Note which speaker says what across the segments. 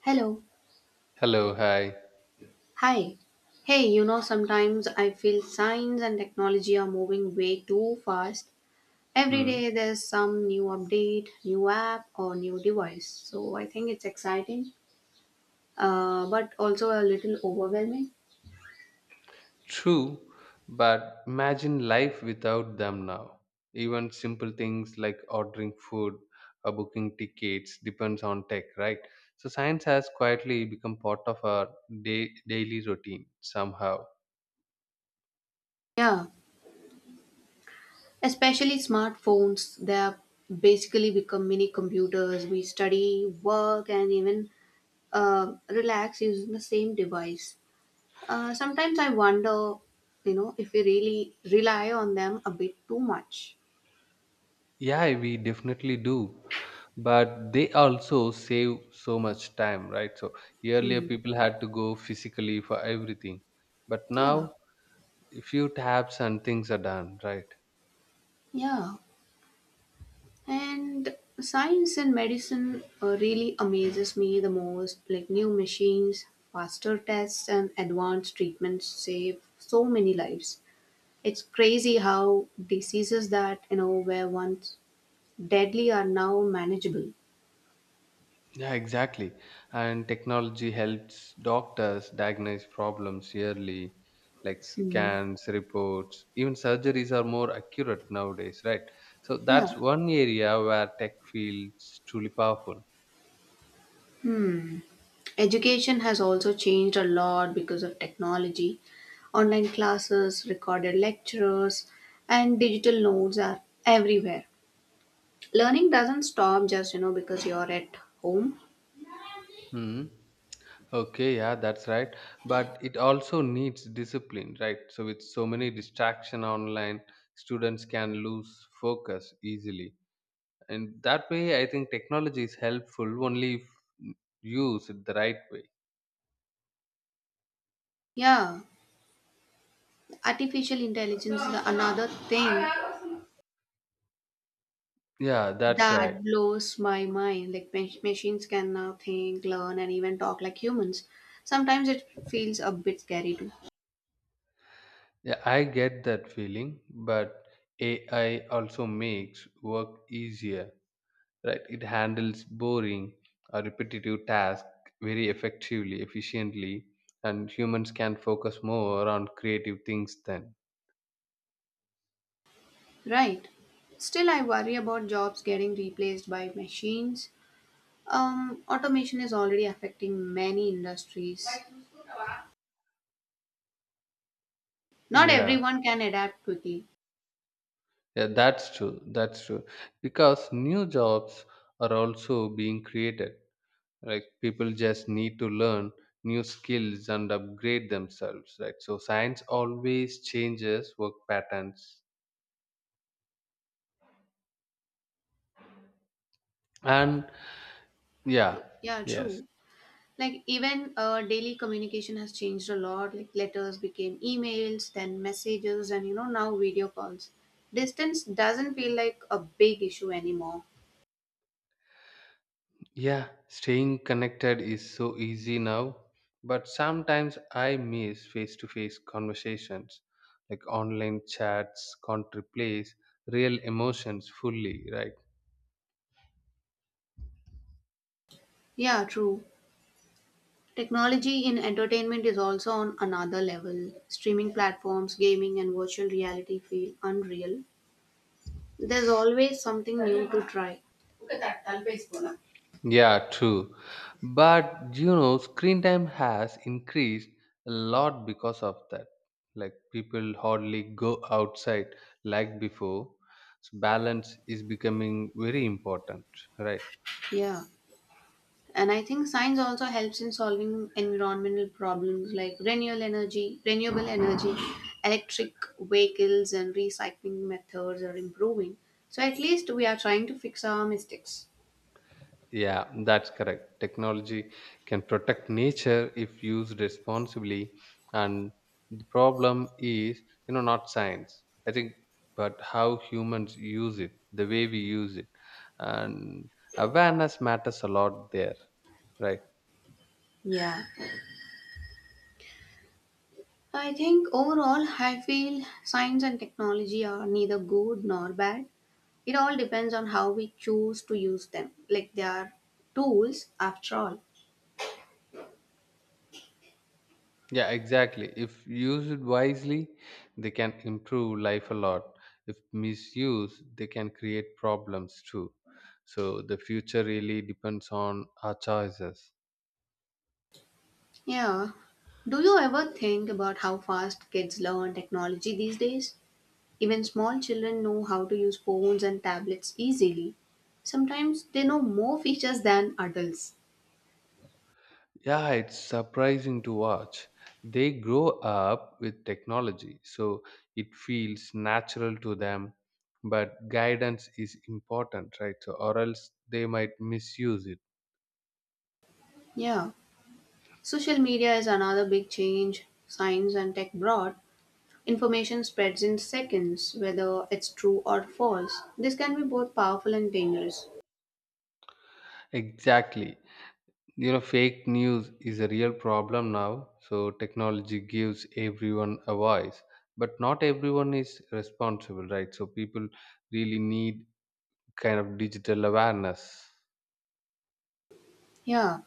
Speaker 1: Hello.
Speaker 2: Hello, hi.
Speaker 1: Hi. Hey, you know, sometimes I feel science and technology are moving way too fast. Every
Speaker 2: Hmm.
Speaker 1: day there's some new update, new app, or new device. So I think it's exciting, but also a little overwhelming.
Speaker 2: True, but imagine life without them now. Even simple things like ordering food or booking tickets depends on tech, right? So science has quietly become part of our daily routine somehow.
Speaker 1: Yeah, especially smartphones. They're basically become mini computers. We study, work, and even relax using the same device. Sometimes I wonder, you know, if we really rely on them a bit too much.
Speaker 2: Yeah, we definitely do. But they also save so much time, right? So earlier
Speaker 1: Hmm.
Speaker 2: people had to go physically for everything. But
Speaker 1: Yeah,
Speaker 2: now a few taps and things are done, right?
Speaker 1: yeah. And science and medicine really amazes me the most. Like new machines, faster tests, and advanced treatments save so many lives. It's crazy how diseases that, you know, were once deadly are now manageable.
Speaker 2: Yeah, exactly. And technology helps doctors diagnose problems early, like scans, reports, even surgeries are more accurate nowadays, right? So
Speaker 1: Yeah.
Speaker 2: that's one area where tech feels truly powerful.
Speaker 1: Education has also changed a lot because of technology. Online classes, recorded lectures, and digital notes are everywhere. Learning doesn't stop just you know because you're at home.
Speaker 2: Hmm. Okay, yeah, that's right. But it also needs discipline, right? So with so many distraction online, students can lose focus easily. And that way, I think technology is helpful only if used the right way.
Speaker 1: Yeah, artificial intelligence is another thing
Speaker 2: Yeah, that's right.
Speaker 1: that blows my mind. Like machines can now think, learn, and even talk like humans. Sometimes it feels a bit scary too,
Speaker 2: Yeah, I get that feeling, but AI also makes work easier, right? It handles boring or repetitive tasks very effectively, efficiently, and humans can focus more on creative things then.
Speaker 1: right? Still, I worry about jobs getting replaced by machines. Automation is already affecting many industries. Not
Speaker 2: Yeah,
Speaker 1: everyone can adapt quickly.
Speaker 2: yeah, that's true. That's true. Because new jobs are also being created, like people just need to learn new skills and upgrade themselves, right? So science always changes work patterns, and yeah.
Speaker 1: Yeah,
Speaker 2: Yes.
Speaker 1: true. Like even daily communication has changed a lot. Like letters became emails, then messages, and you know now video calls. Distance doesn't feel like a big issue anymore.
Speaker 2: Yeah, staying connected is so easy now, but sometimes I miss face to face conversations. Like online chats can't replace real emotions fully, right?
Speaker 1: Yeah, true. Technology in entertainment is also on another level. Streaming platforms, gaming, and virtual reality feel unreal. There's always something new to try.
Speaker 2: Yeah, true. But screen time has increased a lot because of that. Like people hardly go outside like before. So balance is becoming very important, right?
Speaker 1: Yeah, and I think science also helps in solving environmental problems like renewable energy, electric vehicles, and recycling methods are improving. So at least we are trying to fix our mistakes.
Speaker 2: Yeah, that's correct. Technology can protect nature if used responsibly, and the problem is, not science, I think, but how humans use it, the way we use it, and awareness matters a lot there, right?
Speaker 1: Yeah. I think overall, I feel science and technology are neither good nor bad. It all depends on how we choose to use them. Like they are tools after all.
Speaker 2: Yeah, exactly. If used wisely, they can improve life a lot. If misused, they can create problems too. So the future really depends on our choices.
Speaker 1: Yeah. Do you ever think about how fast kids learn technology these days? Even small children know how to use phones and tablets easily. Sometimes they know more features than adults.
Speaker 2: Yeah, it's surprising to watch. They grow up with technology, so it feels natural to them. But guidance is important, right? So, or else they might misuse it.
Speaker 1: Yeah. Social media is another big change science and tech brought. Information spreads in seconds, whether it's true or false. This can be both powerful and dangerous.
Speaker 2: Exactly. Fake news is a real problem now. So, technology gives everyone a voice, but not everyone is responsible, right? So, people really need kind of digital awareness.
Speaker 1: Yeah.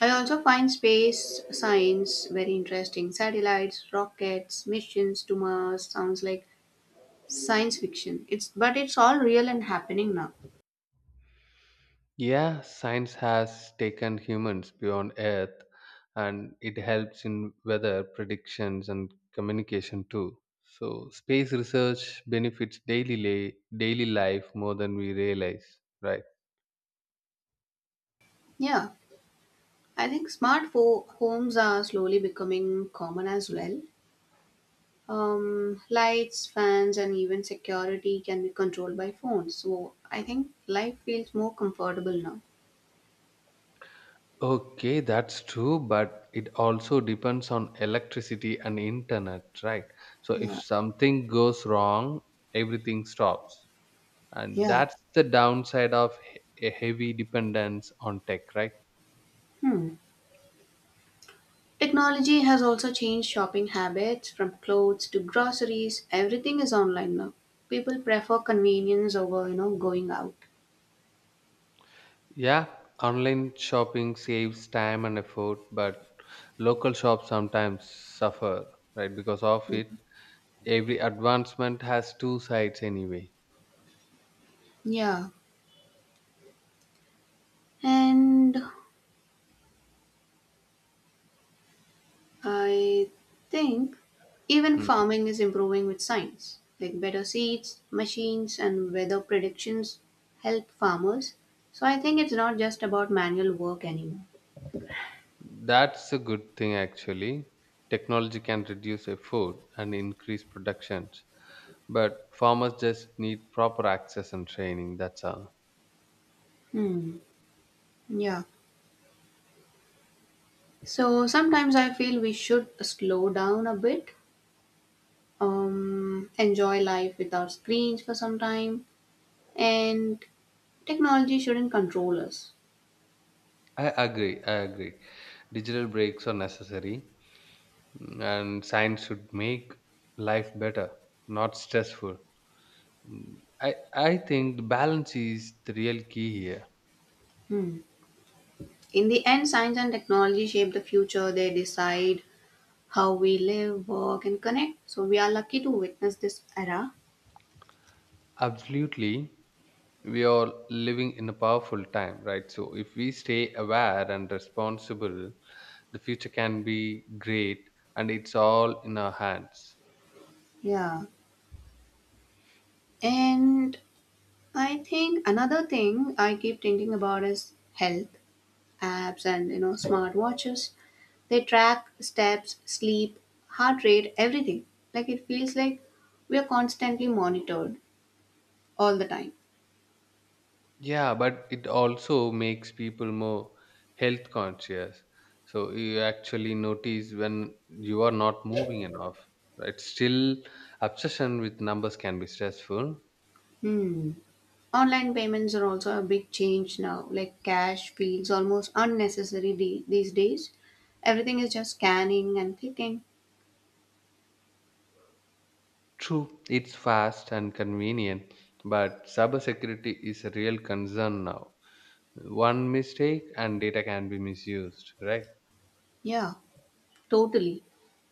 Speaker 1: I also find space science very interesting. Satellites, rockets, missions to Mars sounds like science fiction. It's but it's all real and happening now.
Speaker 2: Yeah, science has taken humans beyond Earth, and it helps in weather predictions and communication too. So, space research benefits daily, daily life more than we realize, right?
Speaker 1: Yeah. I think smart homes are slowly becoming common as well. Lights, fans, and even security can be controlled by phones. So I think life feels more comfortable now.
Speaker 2: Okay, that's true, but it also depends on electricity and internet, right? So, if
Speaker 1: Yeah.
Speaker 2: something goes wrong, everything stops. And
Speaker 1: Yeah.
Speaker 2: that's the downside of a heavy dependence on tech, right?
Speaker 1: Hmm. Technology has also changed shopping habits from clothes to groceries. Everything is online now. People prefer convenience over, you know, going out.
Speaker 2: Yeah, online shopping saves time and effort, but local shops sometimes suffer, right? Because of
Speaker 1: Yeah.
Speaker 2: it, every advancement has two sides anyway.
Speaker 1: Yeah. And I think even
Speaker 2: Mm.
Speaker 1: farming is improving with science. Like better seeds, machines, and weather predictions help farmers. So I think it's not just about manual work anymore.
Speaker 2: That's a good thing actually. Technology can reduce effort and increase productions, but farmers just need proper access and training. That's all.
Speaker 1: Hmm. Yeah. So sometimes I feel we should slow down a bit, enjoy life without screens for some time, and technology shouldn't control us.
Speaker 2: I agree. I agree. Digital breaks are necessary, and science should make life better, not stressful. I think the balance is the real key here.
Speaker 1: Hmm. In the end, science and technology shape the future. They decide how we live, work, and connect. So we are lucky to witness this era.
Speaker 2: Absolutely. We are living in a powerful time, right? So if we stay aware and responsible, the future can be great, and it's all in our hands.
Speaker 1: Yeah. And I think another thing I keep thinking about is health apps and you know smart watches. They track steps, sleep, heart rate, everything. Like it feels like we are constantly monitored all the time.
Speaker 2: Yeah, but it also makes people more health conscious. So you actually notice when you are not moving enough, right? Still, obsession with numbers can be stressful.
Speaker 1: Hmm. Online payments are also a big change now. Like cash feels almost unnecessary these days. Everything is just scanning and clicking.
Speaker 2: True, it's fast and convenient, but cybersecurity is a real concern now. One mistake and data can be misused, right?
Speaker 1: Yeah, totally.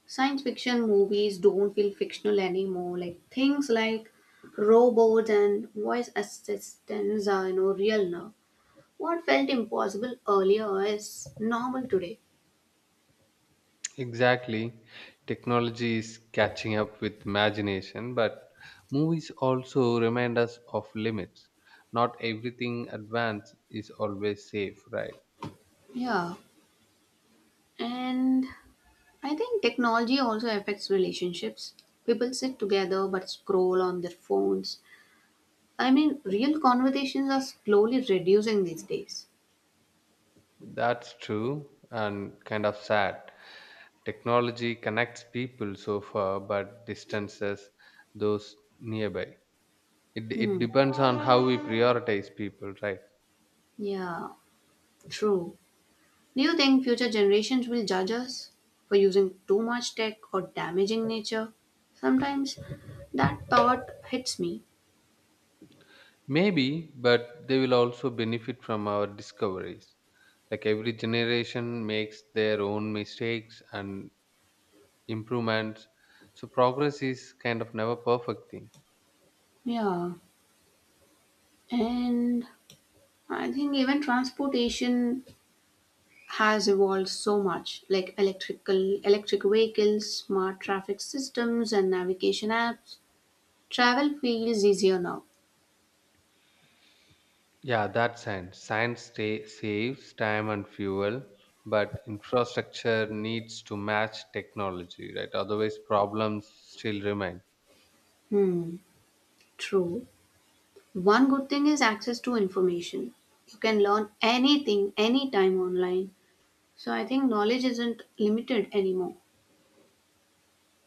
Speaker 1: Science fiction movies don't feel fictional anymore. Like things like robots and voice assistants are you know real now. What felt impossible earlier is normal today.
Speaker 2: Exactly. Technology is catching up with imagination, but movies also remind us of limits. Not everything advanced is always safe, right?
Speaker 1: Yeah, and I think technology also affects relationships. People sit together but scroll on their phones. I mean, real conversations are slowly reducing these days.
Speaker 2: That's true and kind of sad. Technology connects people so far, but distances those nearby. It
Speaker 1: Hmm.
Speaker 2: depends on how we prioritize people, right?
Speaker 1: Yeah, true. Do you think future generations will judge us for using too much tech or damaging nature? Sometimes that thought hits me.
Speaker 2: Maybe, but they will also benefit from our discoveries. Like every generation makes their own mistakes and improvements, so progress is kind of never perfect thing.
Speaker 1: Yeah, and I think even transportation has evolved so much like electric vehicles, smart traffic systems and navigation apps. Travel feels easier now.
Speaker 2: Yeah, that's science saves time and fuel, but infrastructure needs to match technology, right? Otherwise problems still remain.
Speaker 1: Hmm, true. One good thing is access to information. You can learn anything anytime online. So I think knowledge isn't limited anymore.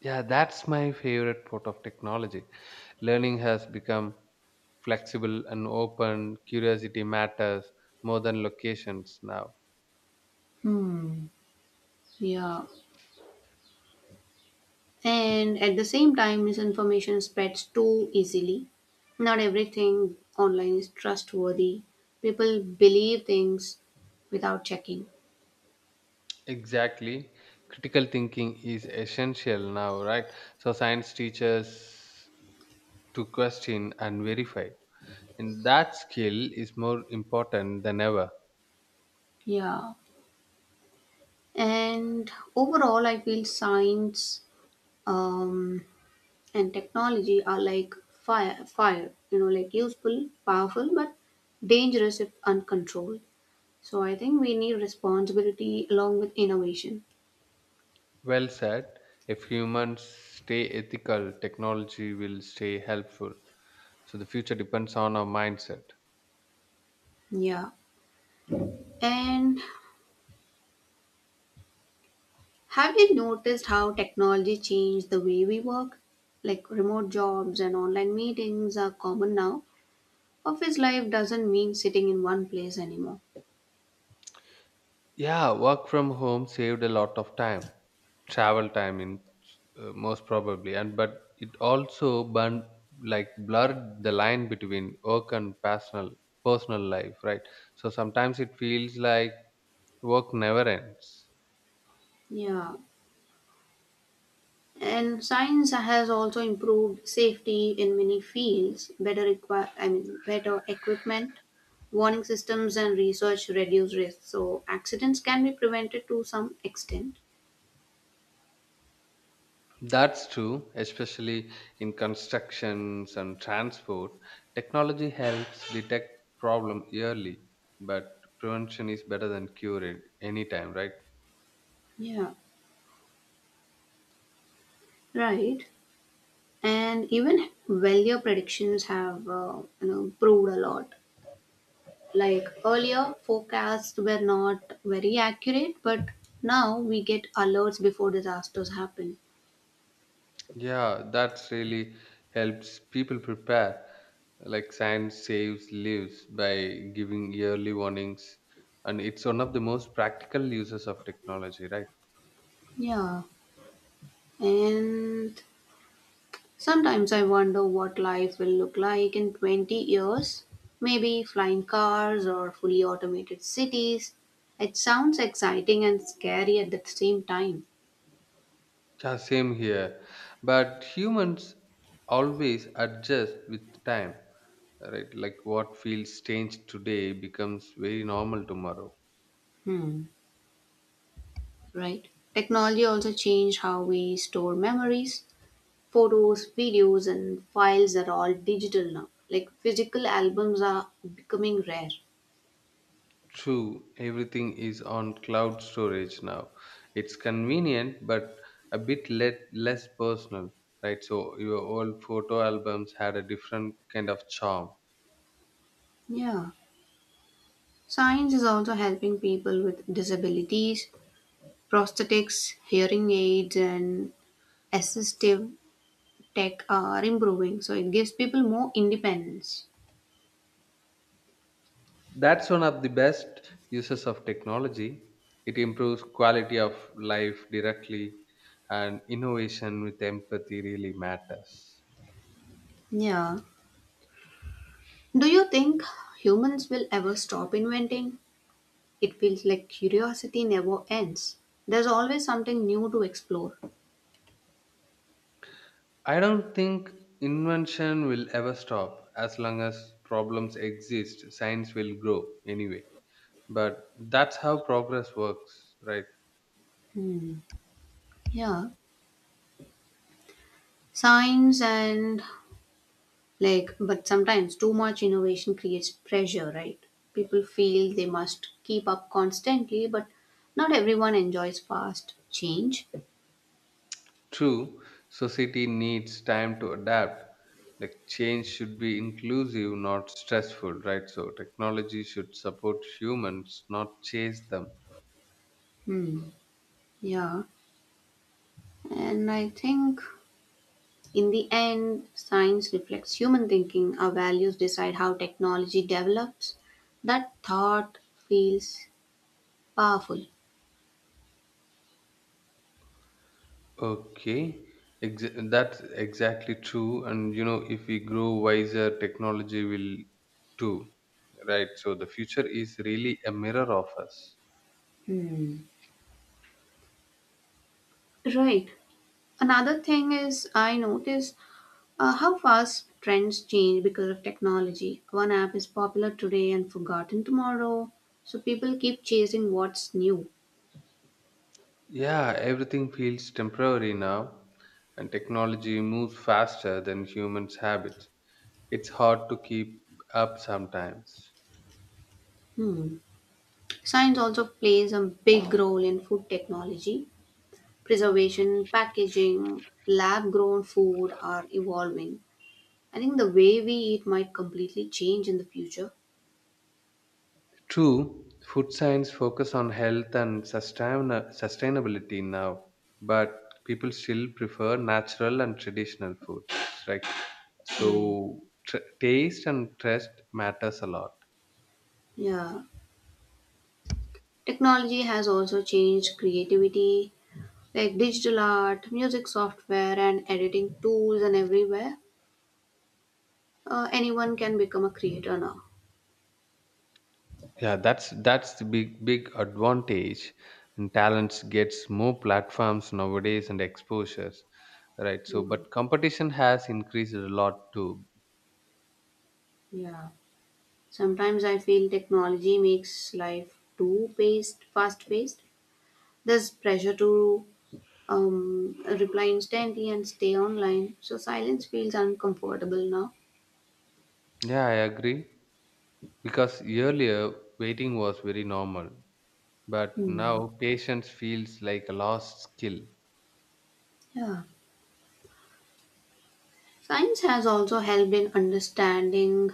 Speaker 2: Yeah, that's my favorite part of technology. Learning has become flexible and open. Curiosity matters more than locations now.
Speaker 1: Hmm. Yeah. And at the same time, misinformation spreads too easily. Not everything online is trustworthy. People believe things without checking.
Speaker 2: Exactly. Critical thinking is essential now, right? So science teaches to question and verify, and that skill is more important than ever.
Speaker 1: Yeah. And overall, I feel science um, and technology are like fire, you know, like useful, powerful, but dangerous if uncontrolled. So I think we need responsibility along with innovation.
Speaker 2: Well said. If humans stay ethical, technology will stay helpful, so the future depends on our mindset.
Speaker 1: Yeah. And have you noticed how technology changed the way we work? Like remote jobs and online meetings are common now. Office life doesn't mean sitting in one place anymore.
Speaker 2: Yeah, work from home saved a lot of time, travel time in, most probably, and but it also burned, like blurred the line between work and personal life, right? So sometimes it feels like work never ends.
Speaker 1: Yeah. And science has also improved safety in many fields. Better require, I mean, Better equipment, warning systems, and research reduce risk. So accidents can be prevented to some extent.
Speaker 2: That's true, especially in constructions and transport. Technology helps detect problem early, but prevention is better than cure at any time, right?
Speaker 1: Yeah. Right. And even value predictions have you know proved a lot. Like earlier, forecasts were not very accurate, but now we get alerts before disasters happen.
Speaker 2: Yeah, that's really helps people prepare. Like science saves lives by giving yearly warnings, and it's one of the most practical uses of technology, right?
Speaker 1: Yeah. And sometimes I wonder what life will look like in 20 years. Maybe flying cars or fully automated cities. It sounds exciting and scary at the same time.
Speaker 2: Yeah, same here. But humans always adjust with time, right? Like what feels strange today becomes very normal tomorrow.
Speaker 1: Hmm. Right? Technology also changed how we store memories. Photos, videos, and files are all digital now. Like physical albums are becoming rare.
Speaker 2: True, everything is on cloud storage now. It's convenient, but a bit less personal, right? So your old photo albums had a different kind of charm.
Speaker 1: Yeah. Science is also helping people with disabilities. Prosthetics, hearing aids, and assistive tech are improving. So it gives people more independence.
Speaker 2: That's one of the best uses of technology. It improves quality of life directly, and innovation with empathy really matters.
Speaker 1: Yeah. Do you think humans will ever stop inventing? It feels like curiosity never ends. There's always something new to explore.
Speaker 2: I don't think invention will ever stop. As long as problems exist, science will grow anyway. But that's how progress works, right?
Speaker 1: Hmm. Yeah. Science and like, but sometimes too much innovation creates pressure, right? People feel they must keep up constantly, but not everyone enjoys fast change.
Speaker 2: True. Society needs time to adapt. Like change should be inclusive not stressful, right? So technology should support humans not chase them.
Speaker 1: Hmm. Yeah. And I think in the end, science reflects human thinking. Our values decide how technology develops. That thought feels powerful.
Speaker 2: Okay. That's exactly true, and if we grow wiser, technology will too, right? So the future is really a mirror of us.
Speaker 1: Hmm. Right. Another thing is I notice how fast trends change because of technology. One app is popular today and forgotten tomorrow, so people keep chasing what's new.
Speaker 2: Yeah, everything feels temporary now, and technology moves faster than humans' habits. It's hard to keep up sometimes.
Speaker 1: Hmm. Science also plays a big role in food technology. Preservation, packaging, lab grown food are evolving. I think the way we eat might completely change in the future.
Speaker 2: True, food science focus on health and sustainability now, but people still prefer natural and traditional foods, right?
Speaker 1: Hmm.
Speaker 2: So taste and trust matters a lot.
Speaker 1: Yeah. Technology has also changed creativity. Like digital art, music software, and editing tools, and everywhere, anyone can become a creator now.
Speaker 2: Yeah, that's the big advantage, and talents gets more platforms nowadays and exposures, right? So,
Speaker 1: Hmm.
Speaker 2: but competition has increased a lot too.
Speaker 1: Yeah. Sometimes I feel technology makes life fast paced. There's pressure to reply instantly and stay online, so silence feels uncomfortable now.
Speaker 2: Yeah, I agree, because earlier waiting was very normal, but
Speaker 1: Hmm.
Speaker 2: now patience feels like a lost skill.
Speaker 1: Yeah. Science has also helped in understanding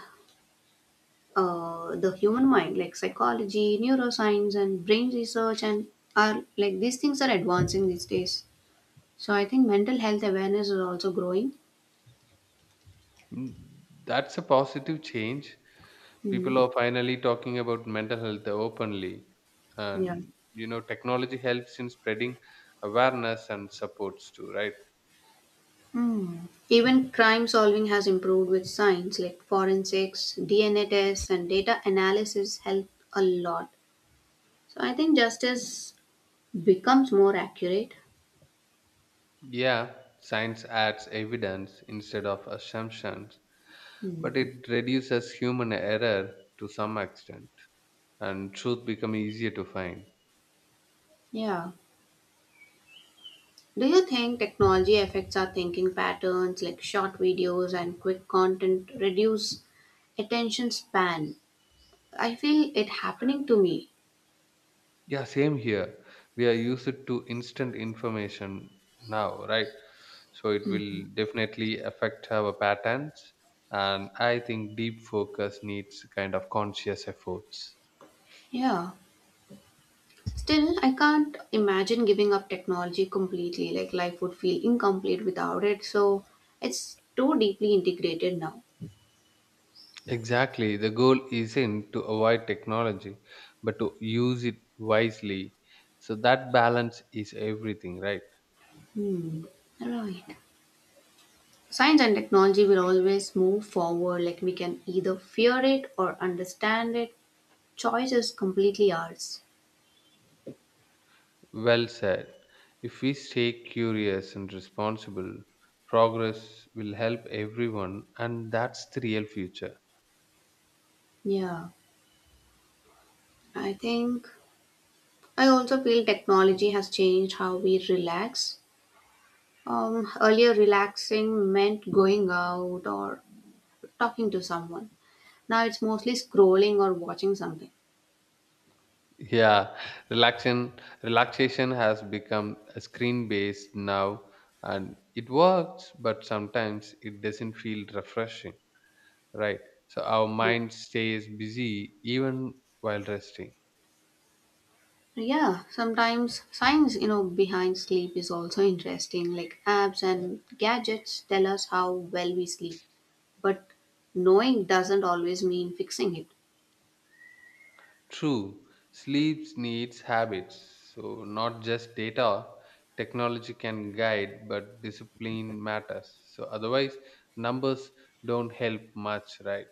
Speaker 1: the human mind like psychology neuroscience and brain research and are like these things are advancing these days, so I think mental health awareness is also growing.
Speaker 2: Mm, That's a positive change. People
Speaker 1: Mm.
Speaker 2: are finally talking about mental health openly,
Speaker 1: Yeah.
Speaker 2: and technology helps in spreading awareness and supports too, right?
Speaker 1: Mm. Even crime solving has improved with science like forensics DNA tests and data analysis help a lot, so I think justice becomes more accurate.
Speaker 2: Yeah, science adds evidence instead of assumptions, but
Speaker 1: Mm.
Speaker 2: it reduces human error to some extent, and truth become easier to find.
Speaker 1: Yeah. Do you think technology affects our thinking patterns like short videos and quick content reduce attention span? I feel it happening to me.
Speaker 2: Yeah, same here. We are used to instant information now, right? So it will definitely affect our patterns, and I think deep focus needs kind of conscious efforts.
Speaker 1: Yeah. Still, I can't imagine giving up technology completely. Like life would feel incomplete without it. So it's too deeply integrated now.
Speaker 2: Exactly. The goal isn't to avoid technology, but to use it wisely. So that balance is everything, right?
Speaker 1: Hmm. Right. Science and technology will always move forward. Like we can either fear it or understand it. Choice is completely ours.
Speaker 2: Well said. If we stay curious and responsible, progress will help everyone, and that's the real future.
Speaker 1: Yeah. I think I also feel technology has changed how we relax. Earlier, relaxing meant going out or talking to someone. Now it's mostly scrolling or watching something.
Speaker 2: Yeah, relaxation relaxation has become a screen based now, and it works, but sometimes it doesn't feel refreshing. Right. So our mind stays busy even while resting.
Speaker 1: Yeah, sometimes science, you know, behind sleep is also interesting. Like apps and gadgets tell us how well we sleep, but knowing doesn't always mean fixing it.
Speaker 2: True. Sleep needs habits. So not just data. Technology can guide, but discipline matters. So otherwise, numbers don't help much, right?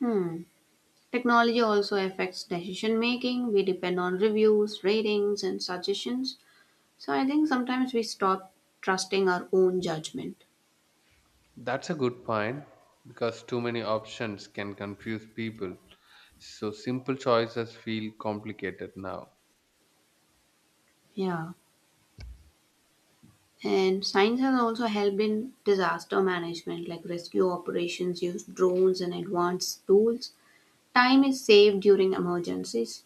Speaker 1: Hmm. Technology also affects decision making. We depend on reviews, ratings, and suggestions. So I think sometimes we stop trusting our own judgment.
Speaker 2: That's a good point, because too many options can confuse people. So simple choices feel complicated now.
Speaker 1: Yeah. And science has also helped in disaster management, like rescue operations use drones and advanced tools. Time is saved during emergencies.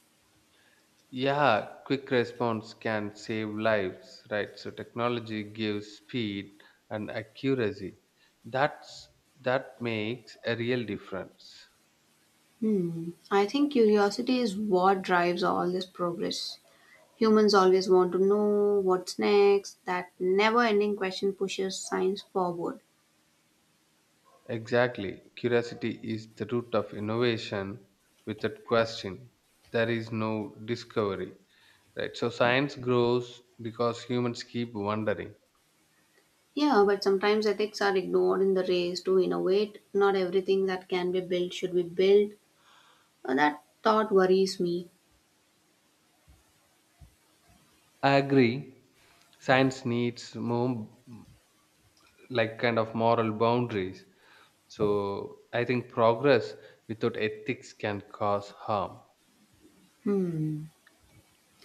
Speaker 2: Yeah, quick response can save lives, right? So technology gives speed and accuracy. That's that makes a real difference.
Speaker 1: Hmm. I think curiosity is what drives all this progress. Humans always want to know what's next. That never ending question pushes science forward.
Speaker 2: Exactly. Curiosity is the root of innovation without question. There is no discovery, right? So science grows because humans keep wondering.
Speaker 1: Yeah, but sometimes ethics are ignored in the race to innovate. Not everything that can be built should be built. That thought worries me.
Speaker 2: I agree. Science needs more like kind of moral boundaries. So I think progress without ethics can cause harm.
Speaker 1: Hmm.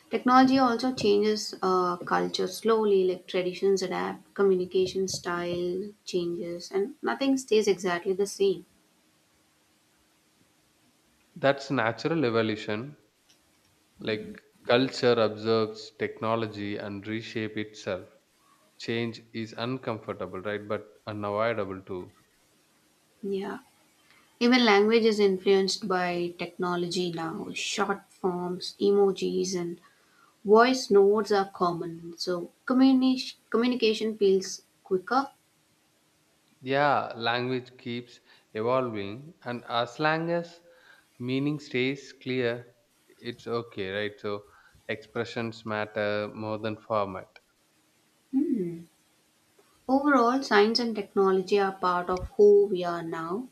Speaker 1: Technology also changes culture slowly, like traditions adapt, communication style changes, and nothing stays exactly the same.
Speaker 2: That's natural evolution. Like culture observes technology and reshape itself. Change is uncomfortable, right? But unavoidable too.
Speaker 1: Yeah. Even language is influenced by technology now. Short forms, emojis, and voice notes are common. So communication feels quicker.
Speaker 2: Yeah, language keeps evolving, and as long as meaning stays clear, it's okay, right? So expressions matter more than format.
Speaker 1: Hmm. Overall, science and technology are part of who we are now.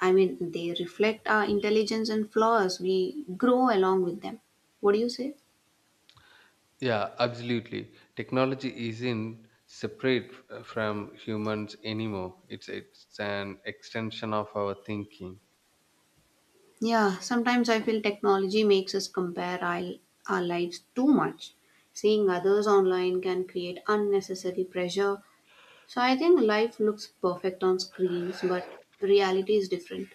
Speaker 1: I mean, they reflect our intelligence and flaws. We grow along with them. What do you say?
Speaker 2: Yeah, absolutely. Technology isn't separate from humans anymore. It's an extension of our thinking.
Speaker 1: Yeah, sometimes I feel technology makes us compare our lives too much. Seeing others online can create unnecessary pressure. So I think life looks perfect on screens, but reality is different.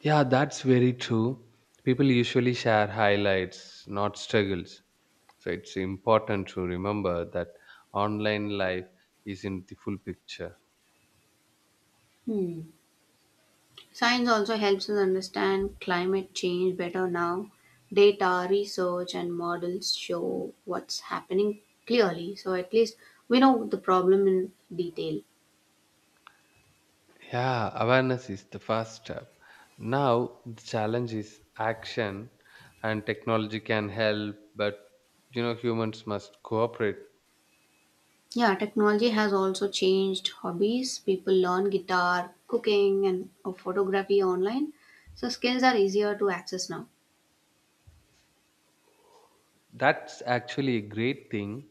Speaker 2: Yeah, that's very true. People usually share highlights, not struggles. So it's important to remember that online life isn't the full picture.
Speaker 1: Hmm. Science also helps us understand climate change better now. Data, research, and models show what's happening clearly, so at least we know the problem in detail.
Speaker 2: Yeah, awareness is the first step. Now the challenge is action, and technology can help, but humans must cooperate.
Speaker 1: Yeah, technology has also changed hobbies. People learn guitar, cooking, and photography online, so skills are easier to access now.
Speaker 2: That's actually a great thing.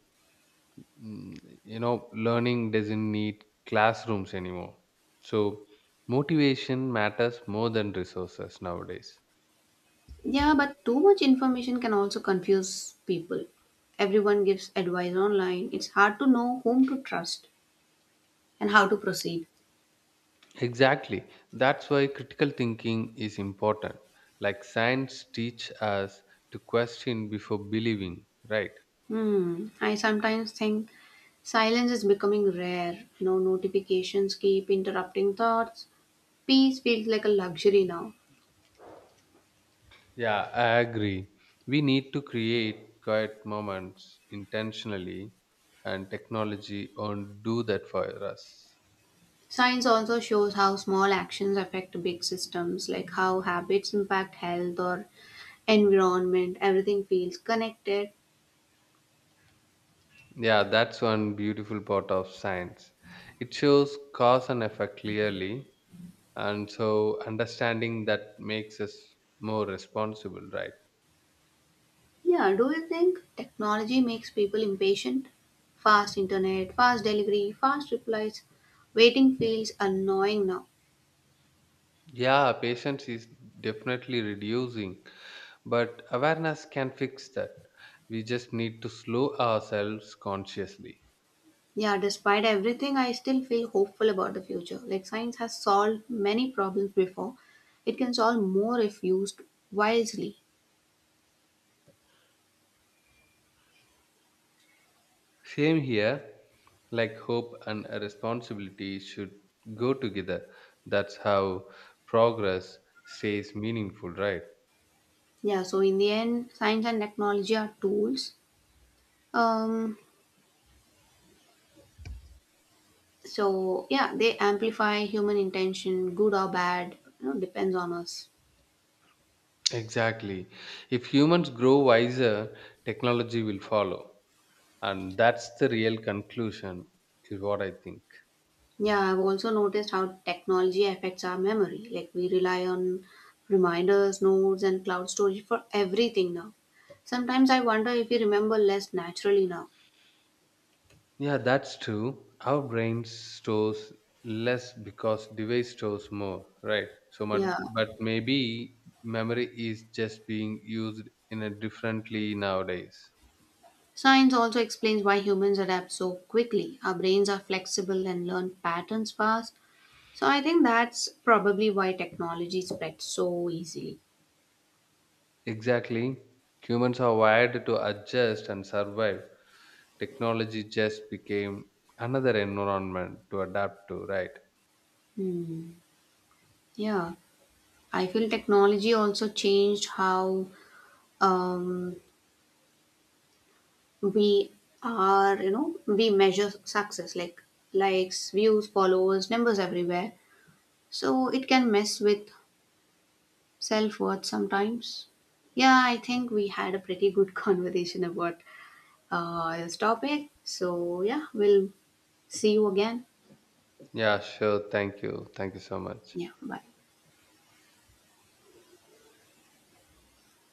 Speaker 2: Learning doesn't need classrooms anymore. So, motivation matters more than resources nowadays.
Speaker 1: Yeah, but too much information can also confuse people. Everyone gives advice online. It's hard to know whom to trust and how to proceed.
Speaker 2: Exactly. That's why critical thinking is important. Like science teach us to question before believing, right?
Speaker 1: Hmm. I sometimes think silence is becoming rare. No notifications keep interrupting thoughts. Peace feels like a luxury now.
Speaker 2: Yeah, I agree. We need to create quiet moments intentionally, and technology won't do that for us.
Speaker 1: Science also shows how small actions affect big systems, like how habits impact health or environment. Everything feels connected.
Speaker 2: Yeah, that's one beautiful part of science. It shows cause and effect clearly, and so understanding that makes us more responsible, right?
Speaker 1: Yeah, do you think technology makes people impatient? Fast internet, fast delivery, fast replies. Waiting feels annoying now.
Speaker 2: Yeah, patience is definitely reducing, but awareness can fix that. We just need to slow ourselves consciously.
Speaker 1: Yeah, despite everything, I still feel hopeful about the future. Like science has solved many problems before. It can solve more if used wisely.
Speaker 2: Same here, like hope and responsibility should go together. That's how progress stays meaningful, right?
Speaker 1: Yeah, so in the end, science and technology are tools. Um, so yeah, they amplify human intention, good or bad, you know, depends on us.
Speaker 2: Exactly. If humans grow wiser, technology will follow. And that's the real conclusion, is what I think.
Speaker 1: Yeah, I've also noticed how technology affects our memory. Like we rely on reminders, notes, and cloud storage for everything now. Sometimes I wonder if we remember less naturally now.
Speaker 2: Yeah, that's true. Our brain stores less because device stores more, right? So,
Speaker 1: Yeah.
Speaker 2: but maybe memory is just being used in a differently nowadays.
Speaker 1: Science also explains why humans adapt so quickly. Our brains are flexible and learn patterns fast. So I think that's probably why technology spread so easily.
Speaker 2: Exactly. Humans are wired to adjust and survive. Technology just became another environment to adapt to, right?
Speaker 1: Hmm. Yeah. I feel technology also changed how um, we are, you know, we measure success like likes, views, followers, numbers everywhere. So it can mess with self worth sometimes. Yeah, I think we had a pretty good conversation about this topic. So, yeah, we'll see you again.
Speaker 2: Yeah, sure. Thank you. Thank you so much.
Speaker 1: Yeah, bye.